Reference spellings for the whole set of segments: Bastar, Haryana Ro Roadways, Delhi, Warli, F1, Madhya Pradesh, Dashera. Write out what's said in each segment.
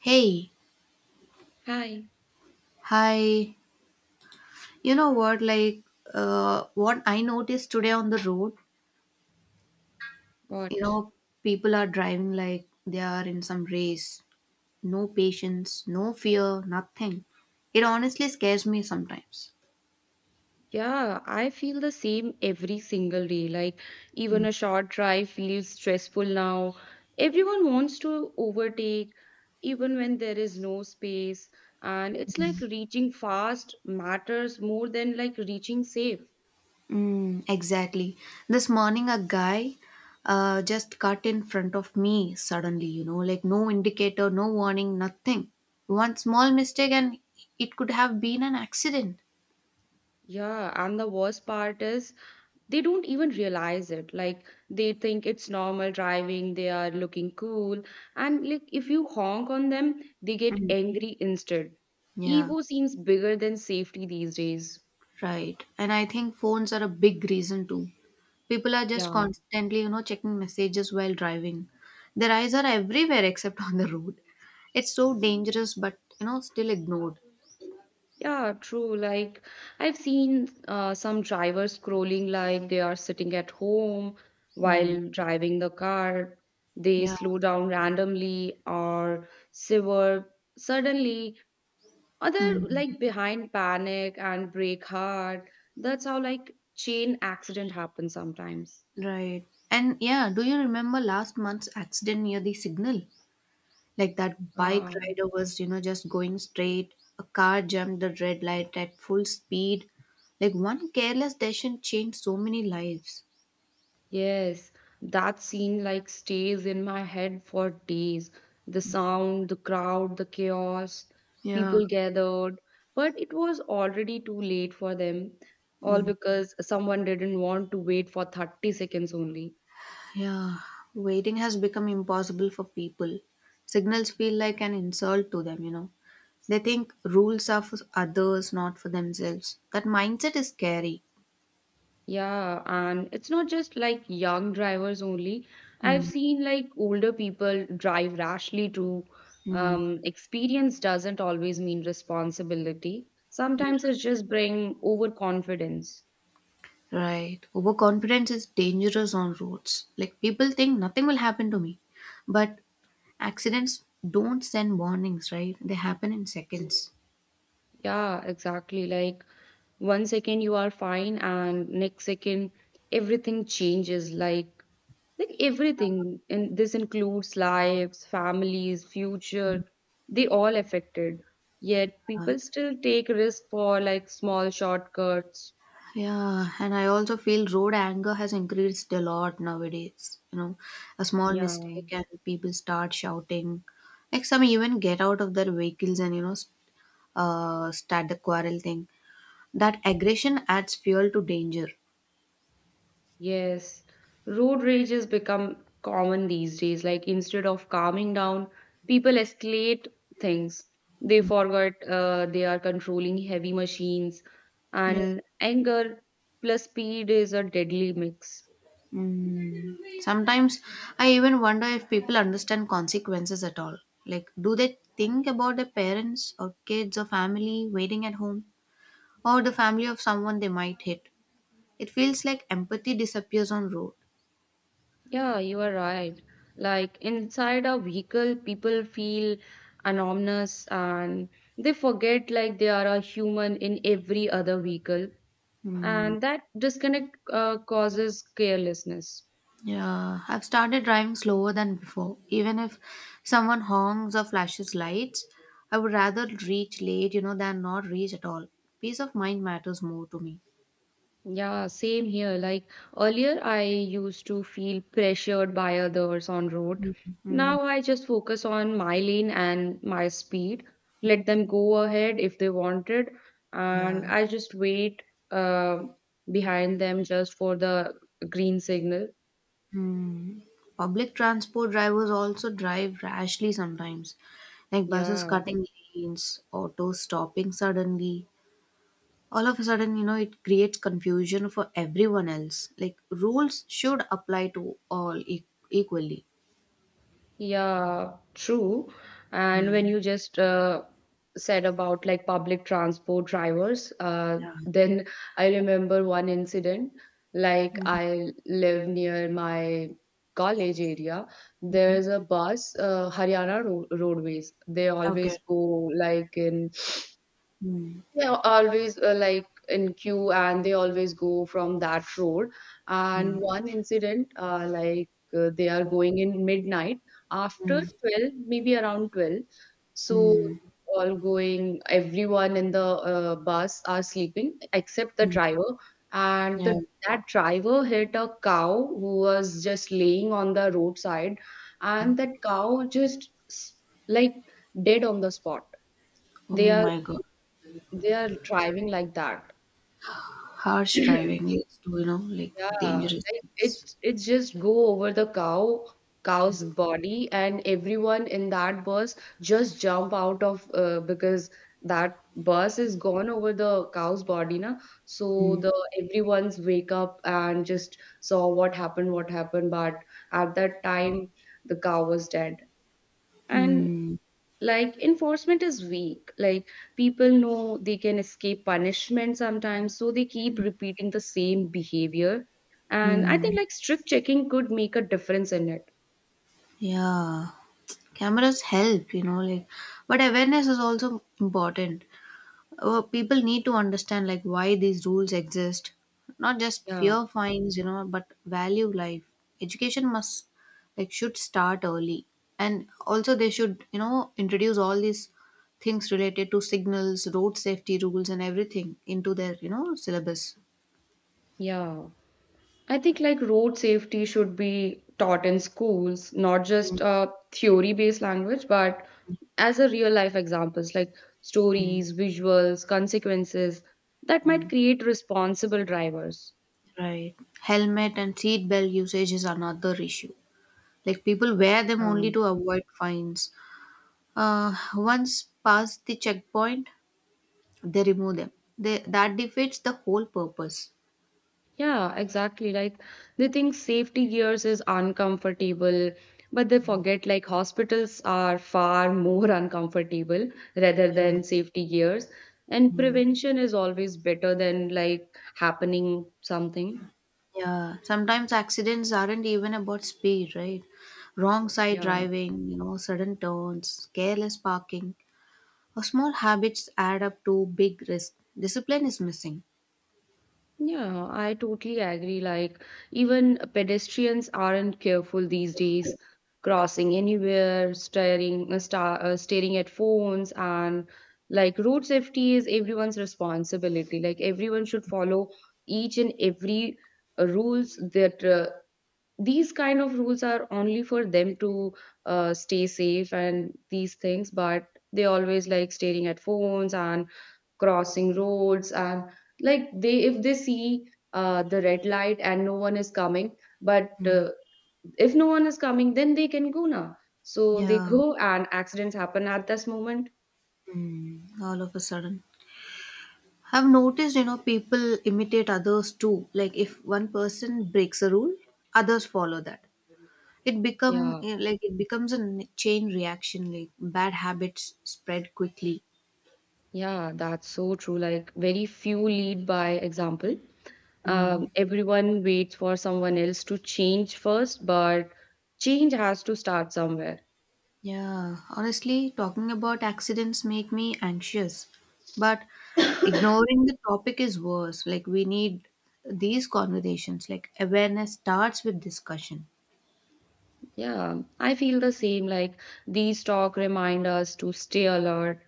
Hey, Hi, hi. You know what? Like, what I noticed today on the road, you what? know, people are driving like they are in some race. No patience, no fear, nothing. It honestly scares me sometimes. Yeah, I feel the same every single day. Like, even Mm. a short drive feels stressful now. Everyone wants to overtake, even when there is no space. And it's like reaching fast matters more than like reaching safe. Mm, exactly. This morning, a guy just cut in front of me suddenly, like no indicator, no warning, nothing. One small mistake, and it could have been an accident. Yeah, and the worst part is they don't even realize it, like they think it's normal driving, they are looking cool, and like if you honk on them they get Mm. angry instead. Yeah. Ego seems bigger than safety these days. Right. And I think phones are a big reason too. People are just Yeah, constantly, checking messages while driving. Their eyes are everywhere except on the road. It's so dangerous, but, still ignored. yeah, true. Like I've seen some drivers scrolling like they are sitting at home while Hmm. driving the car. They Yeah. slow down randomly or swerve suddenly. Other Hmm. like behind panic and break heart. That's how like chain accident happens sometimes. Right. And yeah, do you remember last month's accident near the signal? Like that bike Ah, rider was, just going straight. A car jumped the red light at full speed. Like one careless decision changed so many lives. yes, that scene like stays in my head for days. The sound, the crowd, the chaos, Yeah. people gathered, but it was already too late for them, all because someone didn't want to wait for 30 seconds only. Yeah, waiting has become impossible for people. Signals feel like an insult to them. They think rules are for others, not for themselves. That mindset is scary. Yeah, and it's not just like young drivers only. I've Mm, seen like older people drive rashly too. mm, Experience doesn't always mean responsibility. yeah. Sometimes it just bring overconfidence. Right. Overconfidence is dangerous on roads. Like people think nothing will happen to me. But accidents don't send warnings, right? They happen in seconds. Yeah, exactly. Like one second you are fine and next second everything changes, like everything, and this includes lives, families, future, they all affected. Yet people still take risk for like small shortcuts. Yeah, and I also feel road anger has increased a lot nowadays. A small Yeah. mistake and people start shouting. Like some even get out of their vehicles and start the quarrel thing. That aggression adds fuel to danger. Yes, road rage has become common these days. Like instead of calming down, people escalate things. They forgot they are controlling heavy machines, Yeah. and anger plus speed is a deadly mix. Mm. Sometimes I even wonder if people understand consequences at all. Like, do they think about their parents or kids or family waiting at home or the family of someone they might hit? It feels like empathy disappears on road. Yeah, you are right. Like inside a vehicle, people feel anonymous and they forget like they are a human in every other vehicle, Hmm. and that disconnect causes carelessness. Yeah, I've started driving slower than before. Even if someone honks or flashes lights, I would rather reach late, than not reach at all. Peace of mind matters more to me. Yeah, same here. Like earlier, I used to feel pressured by others on road. Mm, Now I just focus on my lane and my speed. Let them go ahead if they wanted, yeah. and I just wait uh, behind them just for the green signal. Mm. Public transport drivers also drive rashly sometimes, like buses Yeah. cutting lanes, autos stopping suddenly. All of a sudden, it creates confusion for everyone else. Like rules should apply to all equally. Yeah, true. And when Mm. you just said about like public transport drivers, Yeah. then I remember one incident. Like I live near my college area. There's a bus, Haryana Ro Roadways. They always Okay. go like in Mm. they are always like in queue, and they always go from that road. And Mm. one incident, like they are going in midnight after Mm. 12, maybe around 12. So Mm. all going, everyone in the bus are sleeping except the driver. And Yeah. the that driver hit a cow who was just laying on the roadside, and that cow just like dead on the spot. Oh They are my god. they are driving like that. Harsh driving leads to, like, Yeah, dangerous like things. it's just go over the cow cow's body, and everyone in that bus just jump out of because that bus is gone over the cow's body na. So Mm. the everyone's wake up and just saw what happened, what happened, but at that time the cow was dead. And Mm. like enforcement is weak. Like people know they can escape punishment sometimes, so they keep repeating the same behavior, and I think Mm. like strict checking could make a difference in it. Yeah, cameras help, like, but awareness is also important. People need to understand, like, why these rules exist, not just Yeah, fear fines, but value life. Education must, like, should start early. And also they should, introduce all these things related to signals, road safety rules, and everything into their, syllabus. yeah, I think like road safety should be taught in schools, not just a theory based language, but as a real life examples, like stories, visuals, consequences, that might Mm, create responsible drivers. right. Helmet and seat belt usage is another issue. Like people wear them only to avoid fines. Once past the checkpoint, they remove them. That defeats the whole purpose. Yeah, exactly. Like they think safety gears is uncomfortable, but they forget like hospitals are far more uncomfortable rather Yeah. than safety gears. And prevention is always better than like happening something. Yeah. Sometimes accidents aren't even about speed, right? Wrong side Yeah. driving, sudden turns, careless parking, or small habits add up to big risk. Discipline is missing. Yeah, I totally agree. Like, even pedestrians aren't careful these days, crossing anywhere, staring, staring at phones, and like road safety is everyone's responsibility. Like, everyone should follow each and every rules that these kind of rules are only for them to stay safe and these things, but they always like staring at phones and crossing roads, and like they if they see the red light and no one is coming, but if no one is coming then they can go now, so they Yeah. go and accidents happen at this moment. Mm. All of a sudden, I've noticed, people imitate others too. Like if one person breaks a rule, others follow that. It become Yeah, eh, like it becomes a chain reaction. Like bad habits spread quickly. yeah, that's so true. Like very few lead by example. Mm. Everyone waits for someone else to change first, but change has to start somewhere. Yeah, honestly, talking about accidents make me anxious. But ignoring the topic is worse. Like we need these conversations. Like awareness starts with discussion. Yeah, I feel the same. Like these talk remind us to stay alert.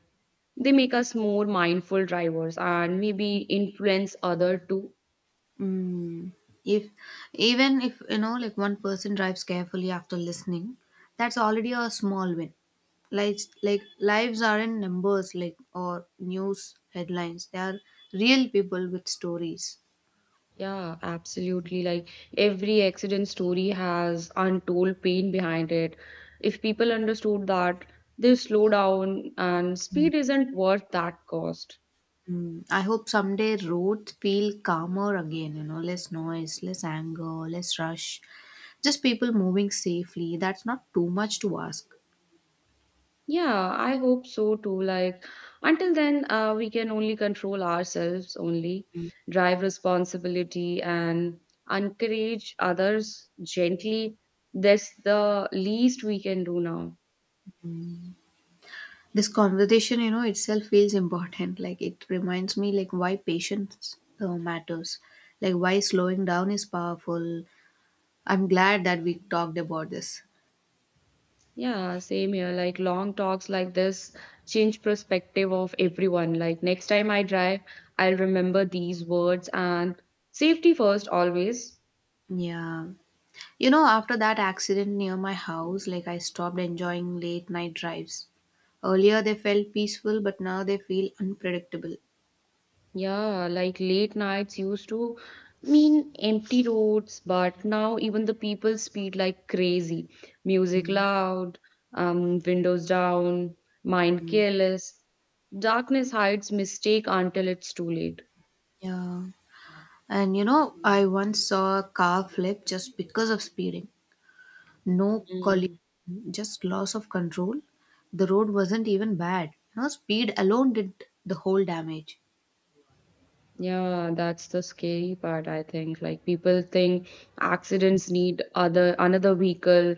They make us more mindful drivers and maybe influence other too. Mm. If even if like one person drives carefully after listening, that's already a small win. Like lives are in numbers, like or news headlines. They are real people with stories. Yeah, absolutely. Like every accident story has untold pain behind it. If people understood that, they slow down and speed isn't worth that cost. Mm. I hope someday roads feel calmer again. Less noise, less anger, less rush. Just people moving safely. That's not too much to ask. Yeah, I hope so too. Like until then, we can only control ourselves, only drive responsibility and encourage others gently. That's the least we can do now. This conversation, itself feels important. Like it reminds me, like why patience matters, like why slowing down is powerful. I'm glad that we talked about this. Yeah, same here. Like long talks like this change perspective of everyone. Like next time I drive, I'll remember these words and safety first always. Yeah, after that accident near my house, like I stopped enjoying late night drives. Earlier they felt peaceful, but now they feel unpredictable. Yeah, like late nights used to mean empty roads, but now even the people speed like crazy. Music loud, windows down, mind Mm. careless. Darkness hides mistake until it's too late. Yeah, and I once saw a car flip just because of speeding. No collision, just loss of control. The road wasn't even bad. Speed alone did the whole damage. Yeah, that's the scary part, I think. Like people think accidents need other another vehicle,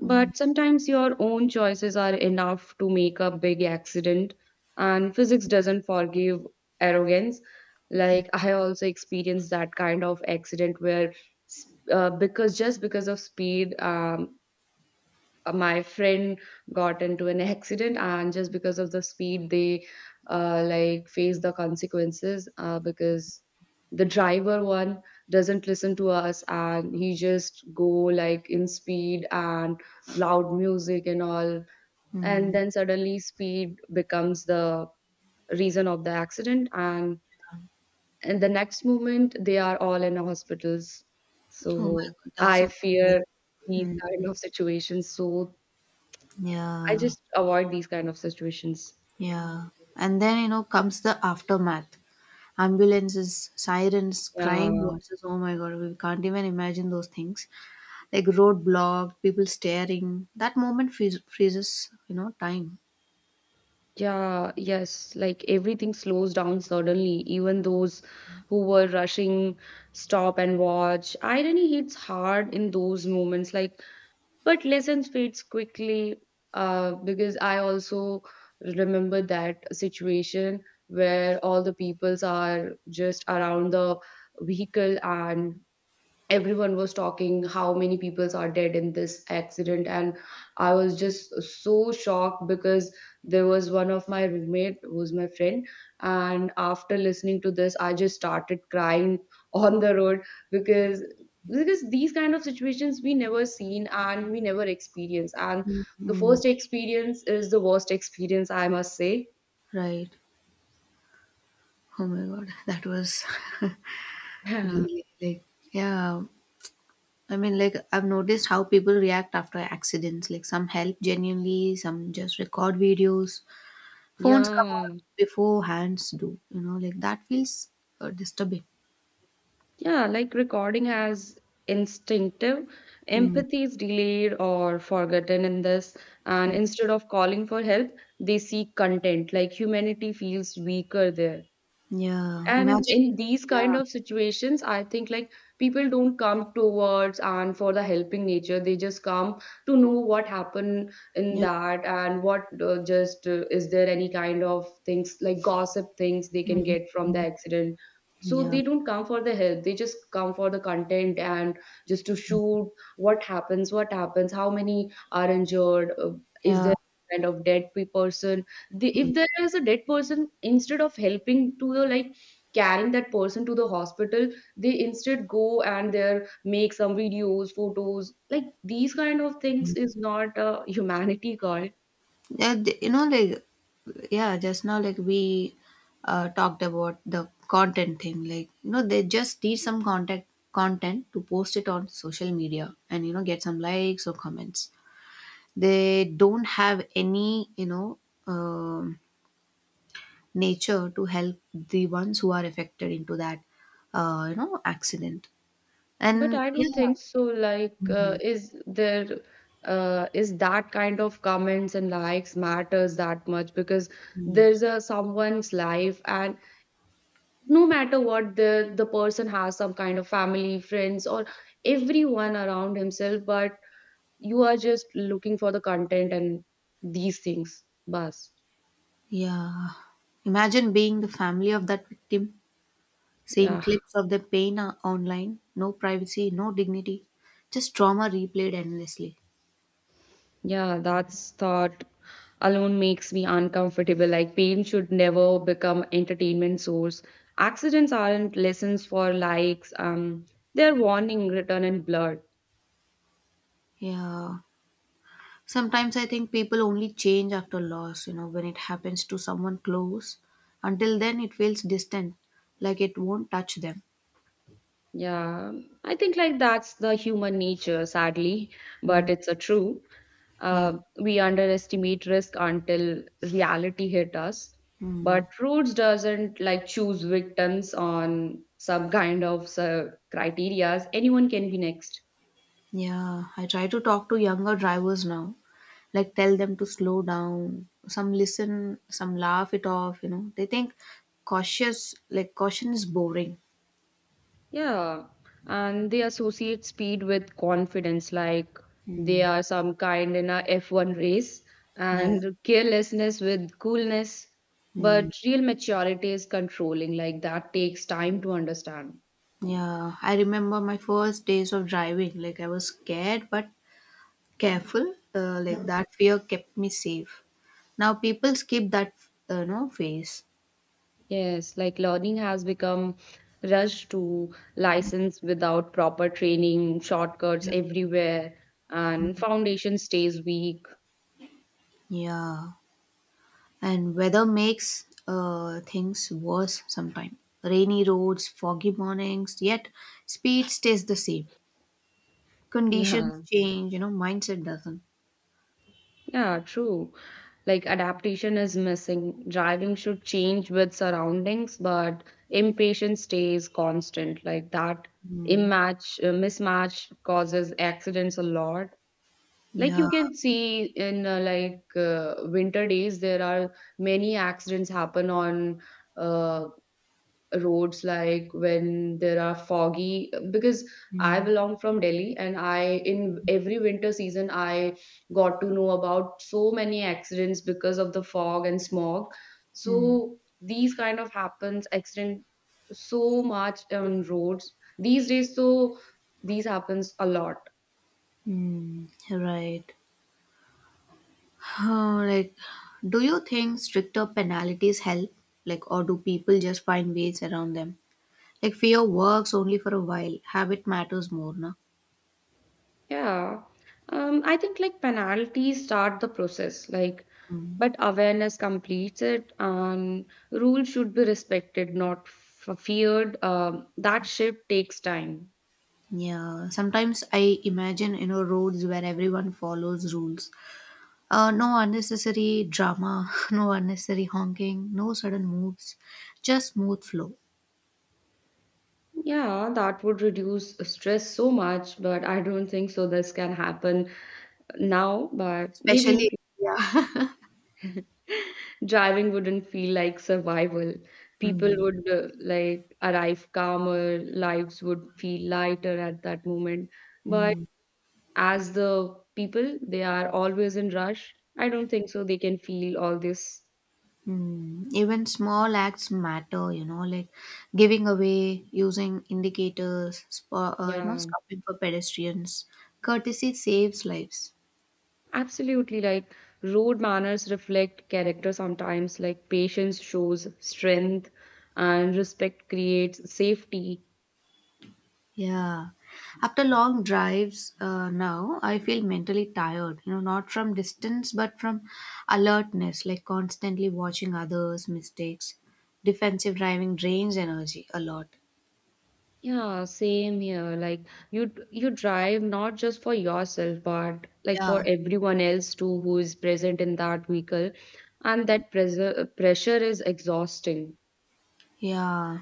but sometimes your own choices are enough to make a big accident, and physics doesn't forgive arrogance. Like I also experienced that kind of accident where because just because of speed, my friend got into an accident, and just because of the speed they like face the consequences because the driver one doesn't listen to us and he just go like in speed and loud music and all, and Hmm. then suddenly speed becomes the reason of the accident, and in the next moment they are all in hospitals. Oh my So god, that's I so bad. fear these Hmm. kind of situations, so I Yeah, just avoid these kind of situations. yeah. And then, comes the aftermath. Ambulances, sirens, crying Yeah. voices. Oh my god, we can't even imagine those things. Like road blocked, people staring. That moment freezes time. Yeah, yes, like everything slows down suddenly. Even those who were rushing stop and watch. Irony hits hard in those moments, like, but lessons fades quickly. Because I also remember that situation where all the peoples are just around the vehicle, and everyone was talking how many people are dead in this accident, and I was just so shocked because there was one of my roommate who's my friend, and after listening to this I just started crying on the road, because because these kind of situations we never seen and we never experience, and the Mm. first experience is the worst experience I must say. Right. Oh my god, that was Really, like, yeah. I mean, like, I've noticed how people react after accidents. Like, some help genuinely, some just record videos. Phones come Yeah. out before hands do, like, that feels disturbing. Yeah, like recording has instinctive. Mm. Empathy is delayed or forgotten in this, and Mm. instead of calling for help, they seek content. Like humanity feels weaker there, Yeah. and Imagine. in these kind Yeah. of situations I think like people don't come towards and for the helping nature, they just come to know what happened in Yeah. that, and what just is there any kind of things like gossip things they can Mm. get from the accident. So Yeah. they don't come for the help, they just come for the content and just to shoot what happens, what happens, how many are injured, is Yeah. there kind of dead person, if there is a dead person, instead of helping to the like carrying that person to the hospital, they instead go and there make some videos, photos. Like these kind of things is not a humanity call. Yeah, like, yeah, just now, like, we talked about the content thing. Like, they just need some contact content to post it on social media and, get some likes or comments. They don't have any, um, nature to help the ones who are affected into that, accident. But And I don't yeah, think so, like is there is that kind of comments and likes matters that much? Because mm, there's a someone's life, and no matter what, the person has some kind of family, friends, or everyone around himself, but you are just looking for the content and these things bas. yeah, imagine being the family of that victim. Seeing Yeah, clips of the pain online, no privacy, no dignity, just trauma replayed endlessly. yeah, that's thought alone makes me uncomfortable. Like pain should never become entertainment source. Accidents aren't lessons for likes, they're warning written in blood. Yeah. Sometimes I think people only change after loss, when it happens to someone close. Until then, it feels distant, like it won't touch them. Yeah, I think like that's the human nature, sadly, but Mm, it's a true. yeah. We underestimate risk until reality hit us. Mm, But Roots doesn't like choose victims on some kind of criterias. Anyone can be next. yeah. I try to talk to younger drivers now, like tell them to slow down. Some listen, some laugh it off. They think like caution is boring. Yeah, and they associate speed with confidence, like they Mm, are some kind in a F1 race, yeah. and carelessness with coolness. Mm, But real maturity is controlling, like that takes time to understand. yeah, I remember my first days of driving. Like I was scared but careful. Like that fear kept me safe. Now people skip that, no phase. Yes, like learning has become rushed to license without proper training, shortcuts Yeah. everywhere, and foundation stays weak. Yeah, and weather makes things worse sometimes. Rainy roads, foggy mornings. Yet speed stays the same. Conditions Yeah, change. Mindset doesn't. yeah, true. Like adaptation is missing. Driving should change with surroundings, but impatience stays constant. Like that Mm, mismatch causes accidents a lot. Like you yeah. can see in winter days, there are many accidents happen on uh, roads, like when there are foggy. Because I Mm, belong from Delhi, and I in every winter season I got to know about so many accidents because of the fog and smog. mm, So these kind of happens accident so much on roads these days. So these happens a lot. mm, right. Like, do you think stricter penalties help? Like, or do people just find ways around them? Like, fear works only for a while. Habit matters more, no? Yeah, I think like penalties start the process, like, Mm. but awareness completes it, and rules should be respected, not f feared. That shift takes time. Yeah. Sometimes I imagine, roads where everyone follows rules. No unnecessary drama, no unnecessary honking, no sudden moves, just smooth flow. Yeah, that would reduce stress so much, but I don't think so. This can happen now, but maybe in Especially, fu- yeah. driving wouldn't feel like survival. People would like arrive calmer, lives would feel lighter at that moment. But Mm. as the people they are always in rush, I don't think so they can feel all this. Hmm, even small acts matter, like giving away, using indicators, Yeah, stopping for pedestrians. Courtesy saves lives. absolutely. Like road manners reflect character, sometimes like patience shows strength and respect creates safety. Yeah. After long drives now, I feel mentally tired, not from distance, but from alertness, like constantly watching others' mistakes. Defensive driving drains energy a lot. Yeah, same here. Like you drive not just for yourself but like Yeah. for everyone else too who is present in that vehicle, and that pressure is exhausting. Yeah.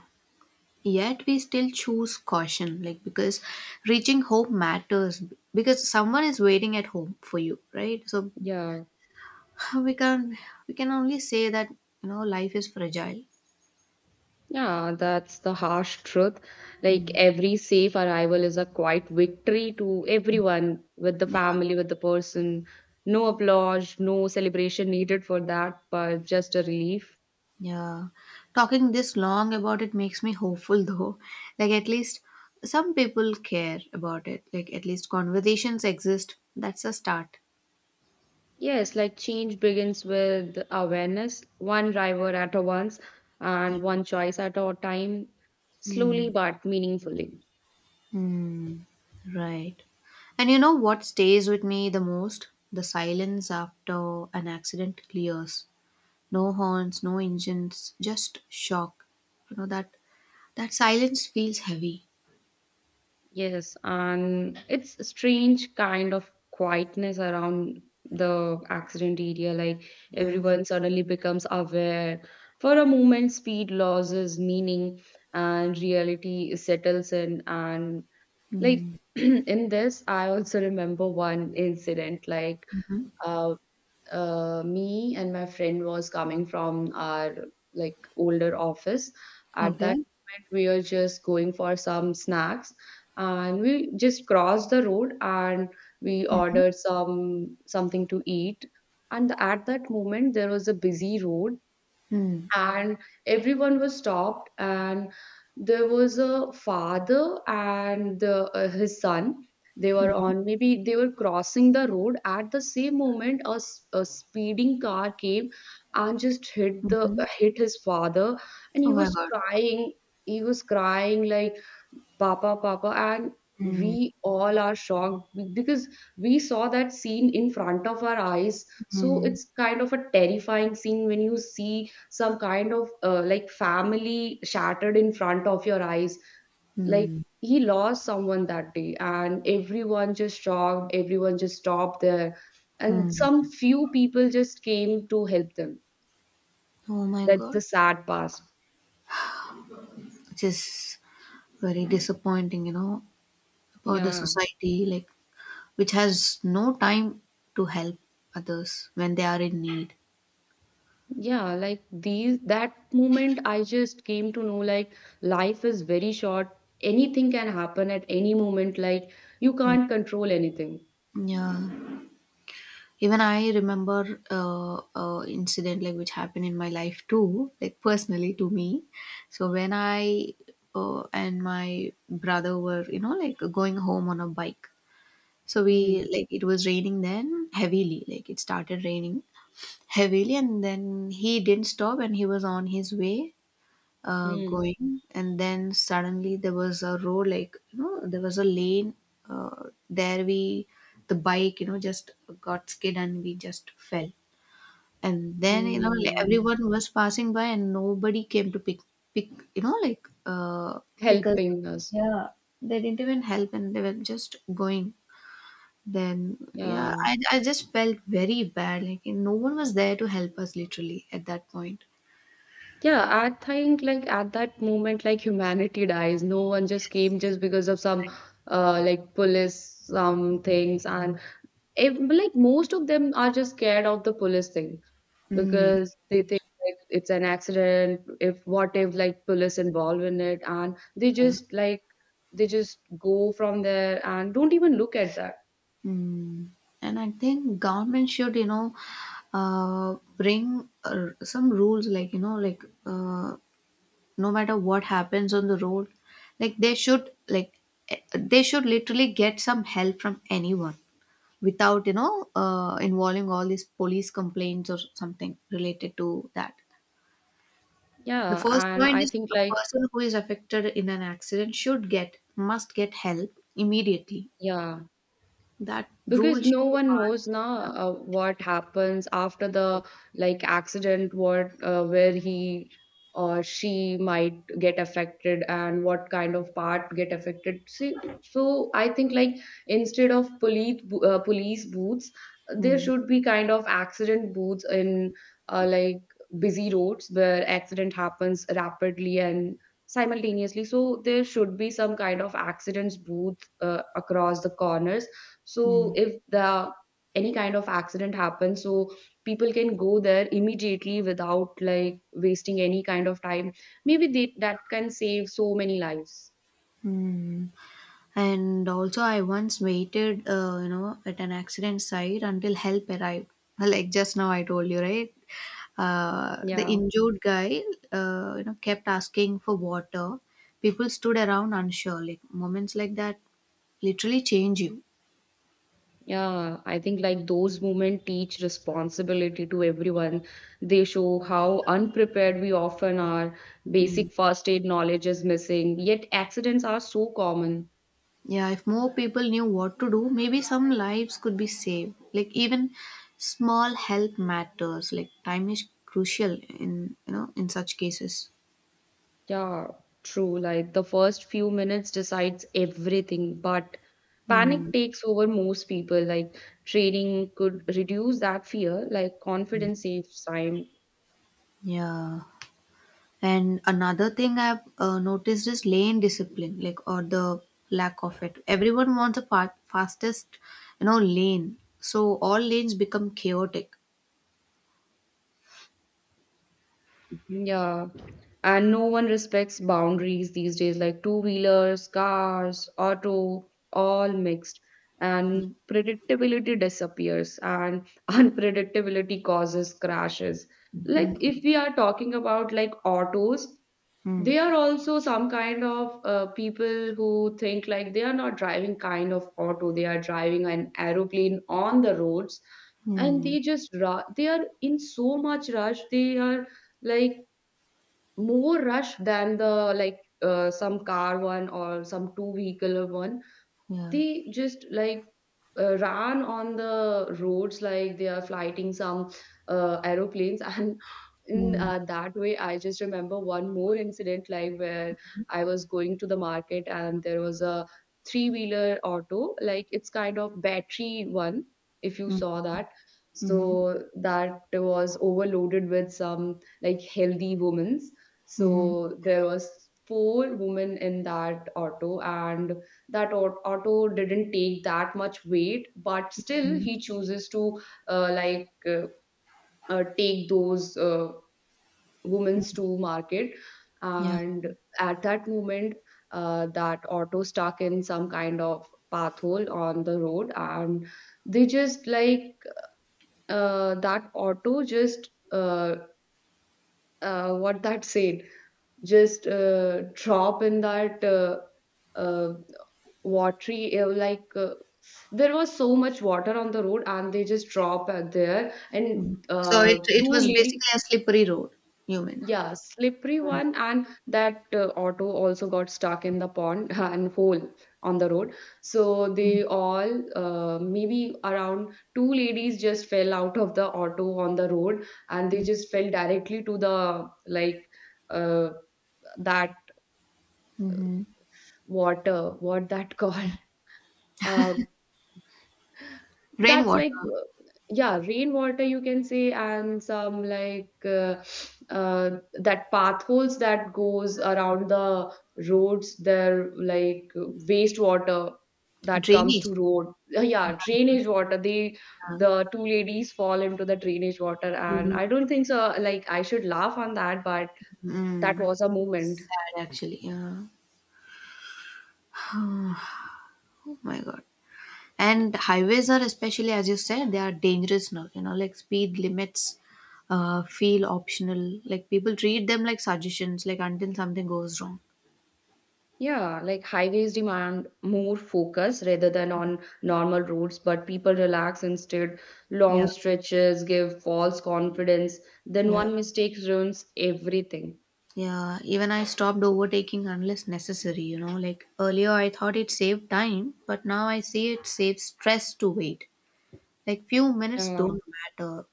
Yet we still choose caution, like because reaching home matters, because someone is waiting at home for you, right? So, Yeah. we can we can only say that, life is fragile. Yeah, that's the harsh truth. Like Mm. every safe arrival is a quiet victory to everyone, with the Yeah, family, with the person. No applause, no celebration needed for that, but just a relief. yeah, talking this long about it makes me hopeful though. Like at least some people care about it, like at least conversations exist. That's a start. Yes, like change begins with awareness, one driver at a once, Yeah. and one choice at a time, slowly Mm. but meaningfully. Hmm. Right. And you know what stays with me the most? The silence after an accident clears. No horns, no engines, just shock. You know that that silence feels heavy. Yes, and it's a strange kind of quietness around the accident area. Like Yeah. everyone suddenly becomes aware. For a moment, speed loses meaning and reality settles in. And like Mm-hmm. in this, I also remember one incident like uh, me and my friend was coming from our like older office. At Okay. that moment, we were just going for some snacks, and we just crossed the road and we ordered something to eat. And at that moment, there was a busy road Mm. and everyone was stopped, and there was a father and the, his son. They were on, maybe they were crossing the road. At the same moment, a, a speeding car came and just hit the Mm-hmm. hit his father, and Oh he my was god. crying. He was crying like, Papa, Papa. And Mm. we all are shocked because we saw that scene in front of our eyes. So Mm. it's kind of a terrifying scene when you see some kind of like family shattered in front of your eyes. Like Mm. he lost someone that day, and everyone just shocked, everyone just stopped there, and some Mm. few people just came to help them. Oh my That's god. the sad part. Which is very disappointing, for the Yeah. society. Like which has no time to help others when they are in need. Yeah, like these that moment I just came to know, like life is very short. Anything can happen at any moment, like you can't control anything. Yeah, even I remember incident like which happened in my life too, like personally to me. So when I, and my brother were, like going home on a bike. So Hmm. we like it was raining then heavily, like it started raining heavily, and then he didn't stop and he was on his way Hmm. going, and then suddenly there was a road, like, there was a lane, uh, there we the bike, just got skid and we just fell. And then, like, Hmm. everyone was passing by and nobody came to pick pick you know like pick us. Helping us. Yeah, they didn't even help and they were just going. Then yeah, Yeah. I just felt very bad, like no one was there to help us literally at that point. Yeah, I think like at that moment, like humanity dies. No one just came, just because of some like police some things. And if, like most of them are just scared of the police thing, Mm. because they think like it's an accident, if what if like police involved in it, and they just like they just go from there and don't even look at that. Hmm. And I think government should, bring, some rules like, no matter what happens on the road, like they should literally get some help from anyone without, involving all these police complaints or something related to that. The Yeah, first and point I is think a like, person who is affected in an accident should must get help immediately. yeah, That because rule should no be one knows now passed. What happens after the like accident, what where he or she might get affected and what kind of part get affected, see. So I think like instead of police, police booths, there Mm. should be kind of accident booths in, like busy roads where accident happens rapidly and simultaneously. So there should be some kind of accidents booth across the corners. So Mhm. if the any kind of accident happens, so people can go there immediately without like wasting any kind of time. Maybe they, that can save so many lives. And also, I once waited, at an accident site until help arrived. Like just now, I told you, right? The Yeah. injured guy, kept asking for water. People stood around unsure. Like moments like that literally change you. Yeah, I think like those movement teach responsibility to everyone. They show how unprepared we often are. Mm. Basic first aid knowledge is missing, yet accidents are so common. Yeah, if more people knew what to do, maybe some lives could be saved. Like even small help matters. Like time is crucial in you know in such cases. Yeah, true. Like the first few minutes decides everything, but Hmm. panic takes over most people. Like training could reduce that fear, like confidence saves time. Yeah. And another thing I've noticed is lane discipline, like or the lack of it. Everyone wants a fastest, lane. So all lanes become chaotic. Yeah. And no one respects boundaries these days, like two wheelers, cars, auto, all mixed. And predictability disappears, and unpredictability causes crashes. Like Mm, if we are talking about like autos, they are mm, also some kind of people who think like they are not driving kind of auto, they are driving an aeroplane on the roads. And mm, they just they are in so much rush, they are like more rush than the like some car one or some two vehicle one. yeah. They just like ran on the roads like they are fighting some aeroplanes, and in Mm, that way, I just remember one more incident like where I was going to the market, and there was a three wheeler auto, like it's kind of battery one, if you mm, saw that. mm-hmm, So that was overloaded with some like healthy women's. mm-hmm, So there was four women in that auto, and that auto didn't take that much weight, but still he chooses to uh, like uh, take those women's to market. yeah. And at that moment, that auto stuck in some kind of path hole on the road, and they just like that auto just what that said, just drop in that uh, watery, there was so much water on the road, and they just drop there. Hmm. And So it two was lady. basically a slippery road, you mean? Yeah, slippery Mm, one, and that auto also got stuck in the pond and hole on the road. So they all, maybe around two ladies just fell out of the auto on the road, and they mm, just fell directly to the like uh, that hmm. water, what that called, uh, that's like, Rainwater, yeah, rainwater you can say. And some like that path holes that goes around the roads. There like wastewater that comes drainage. to road. Yeah, drainage water. They Yeah. the two ladies fall into the drainage water, and Mm. I don't think so. Like I should laugh on that, but that Mm. was a moment. Sad actually. Yeah. Oh my God. And highways are especially, as you said, they are dangerous now. Like speed limits feel optional. Like people treat them like suggestions, like until something goes wrong. Yeah, like highways demand more focus rather than on normal routes, but people relax instead. Long Yeah, stretches give false confidence. Then yeah, one mistake ruins everything. yeah, even I stopped overtaking unless necessary. Like earlier, I thought it saved time, but now I see it saves stress to wait. Like few minutes Yeah, don't matter.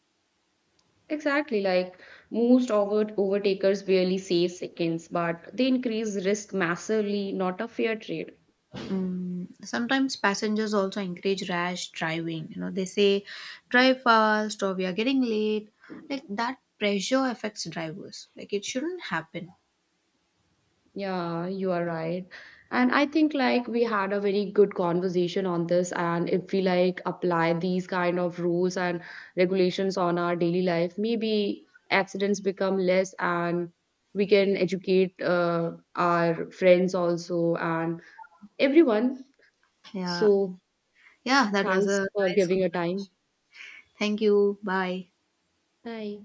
exactly. Like most overtakers barely save seconds, but they increase risk massively, not a fair trade. Mm, sometimes passengers also encourage rash driving. They say, drive fast or we are getting late. Like that pressure affects drivers. Like it shouldn't happen. Yeah, you are right. And I think like we had a very good conversation on this, and if we like apply these kind of rules and regulations on our daily life, maybe accidents become less, and we can educate our friends also and everyone. Yeah. So Yeah, that was thanks a for nice giving your time. conversation. Thank you. Bye. Bye.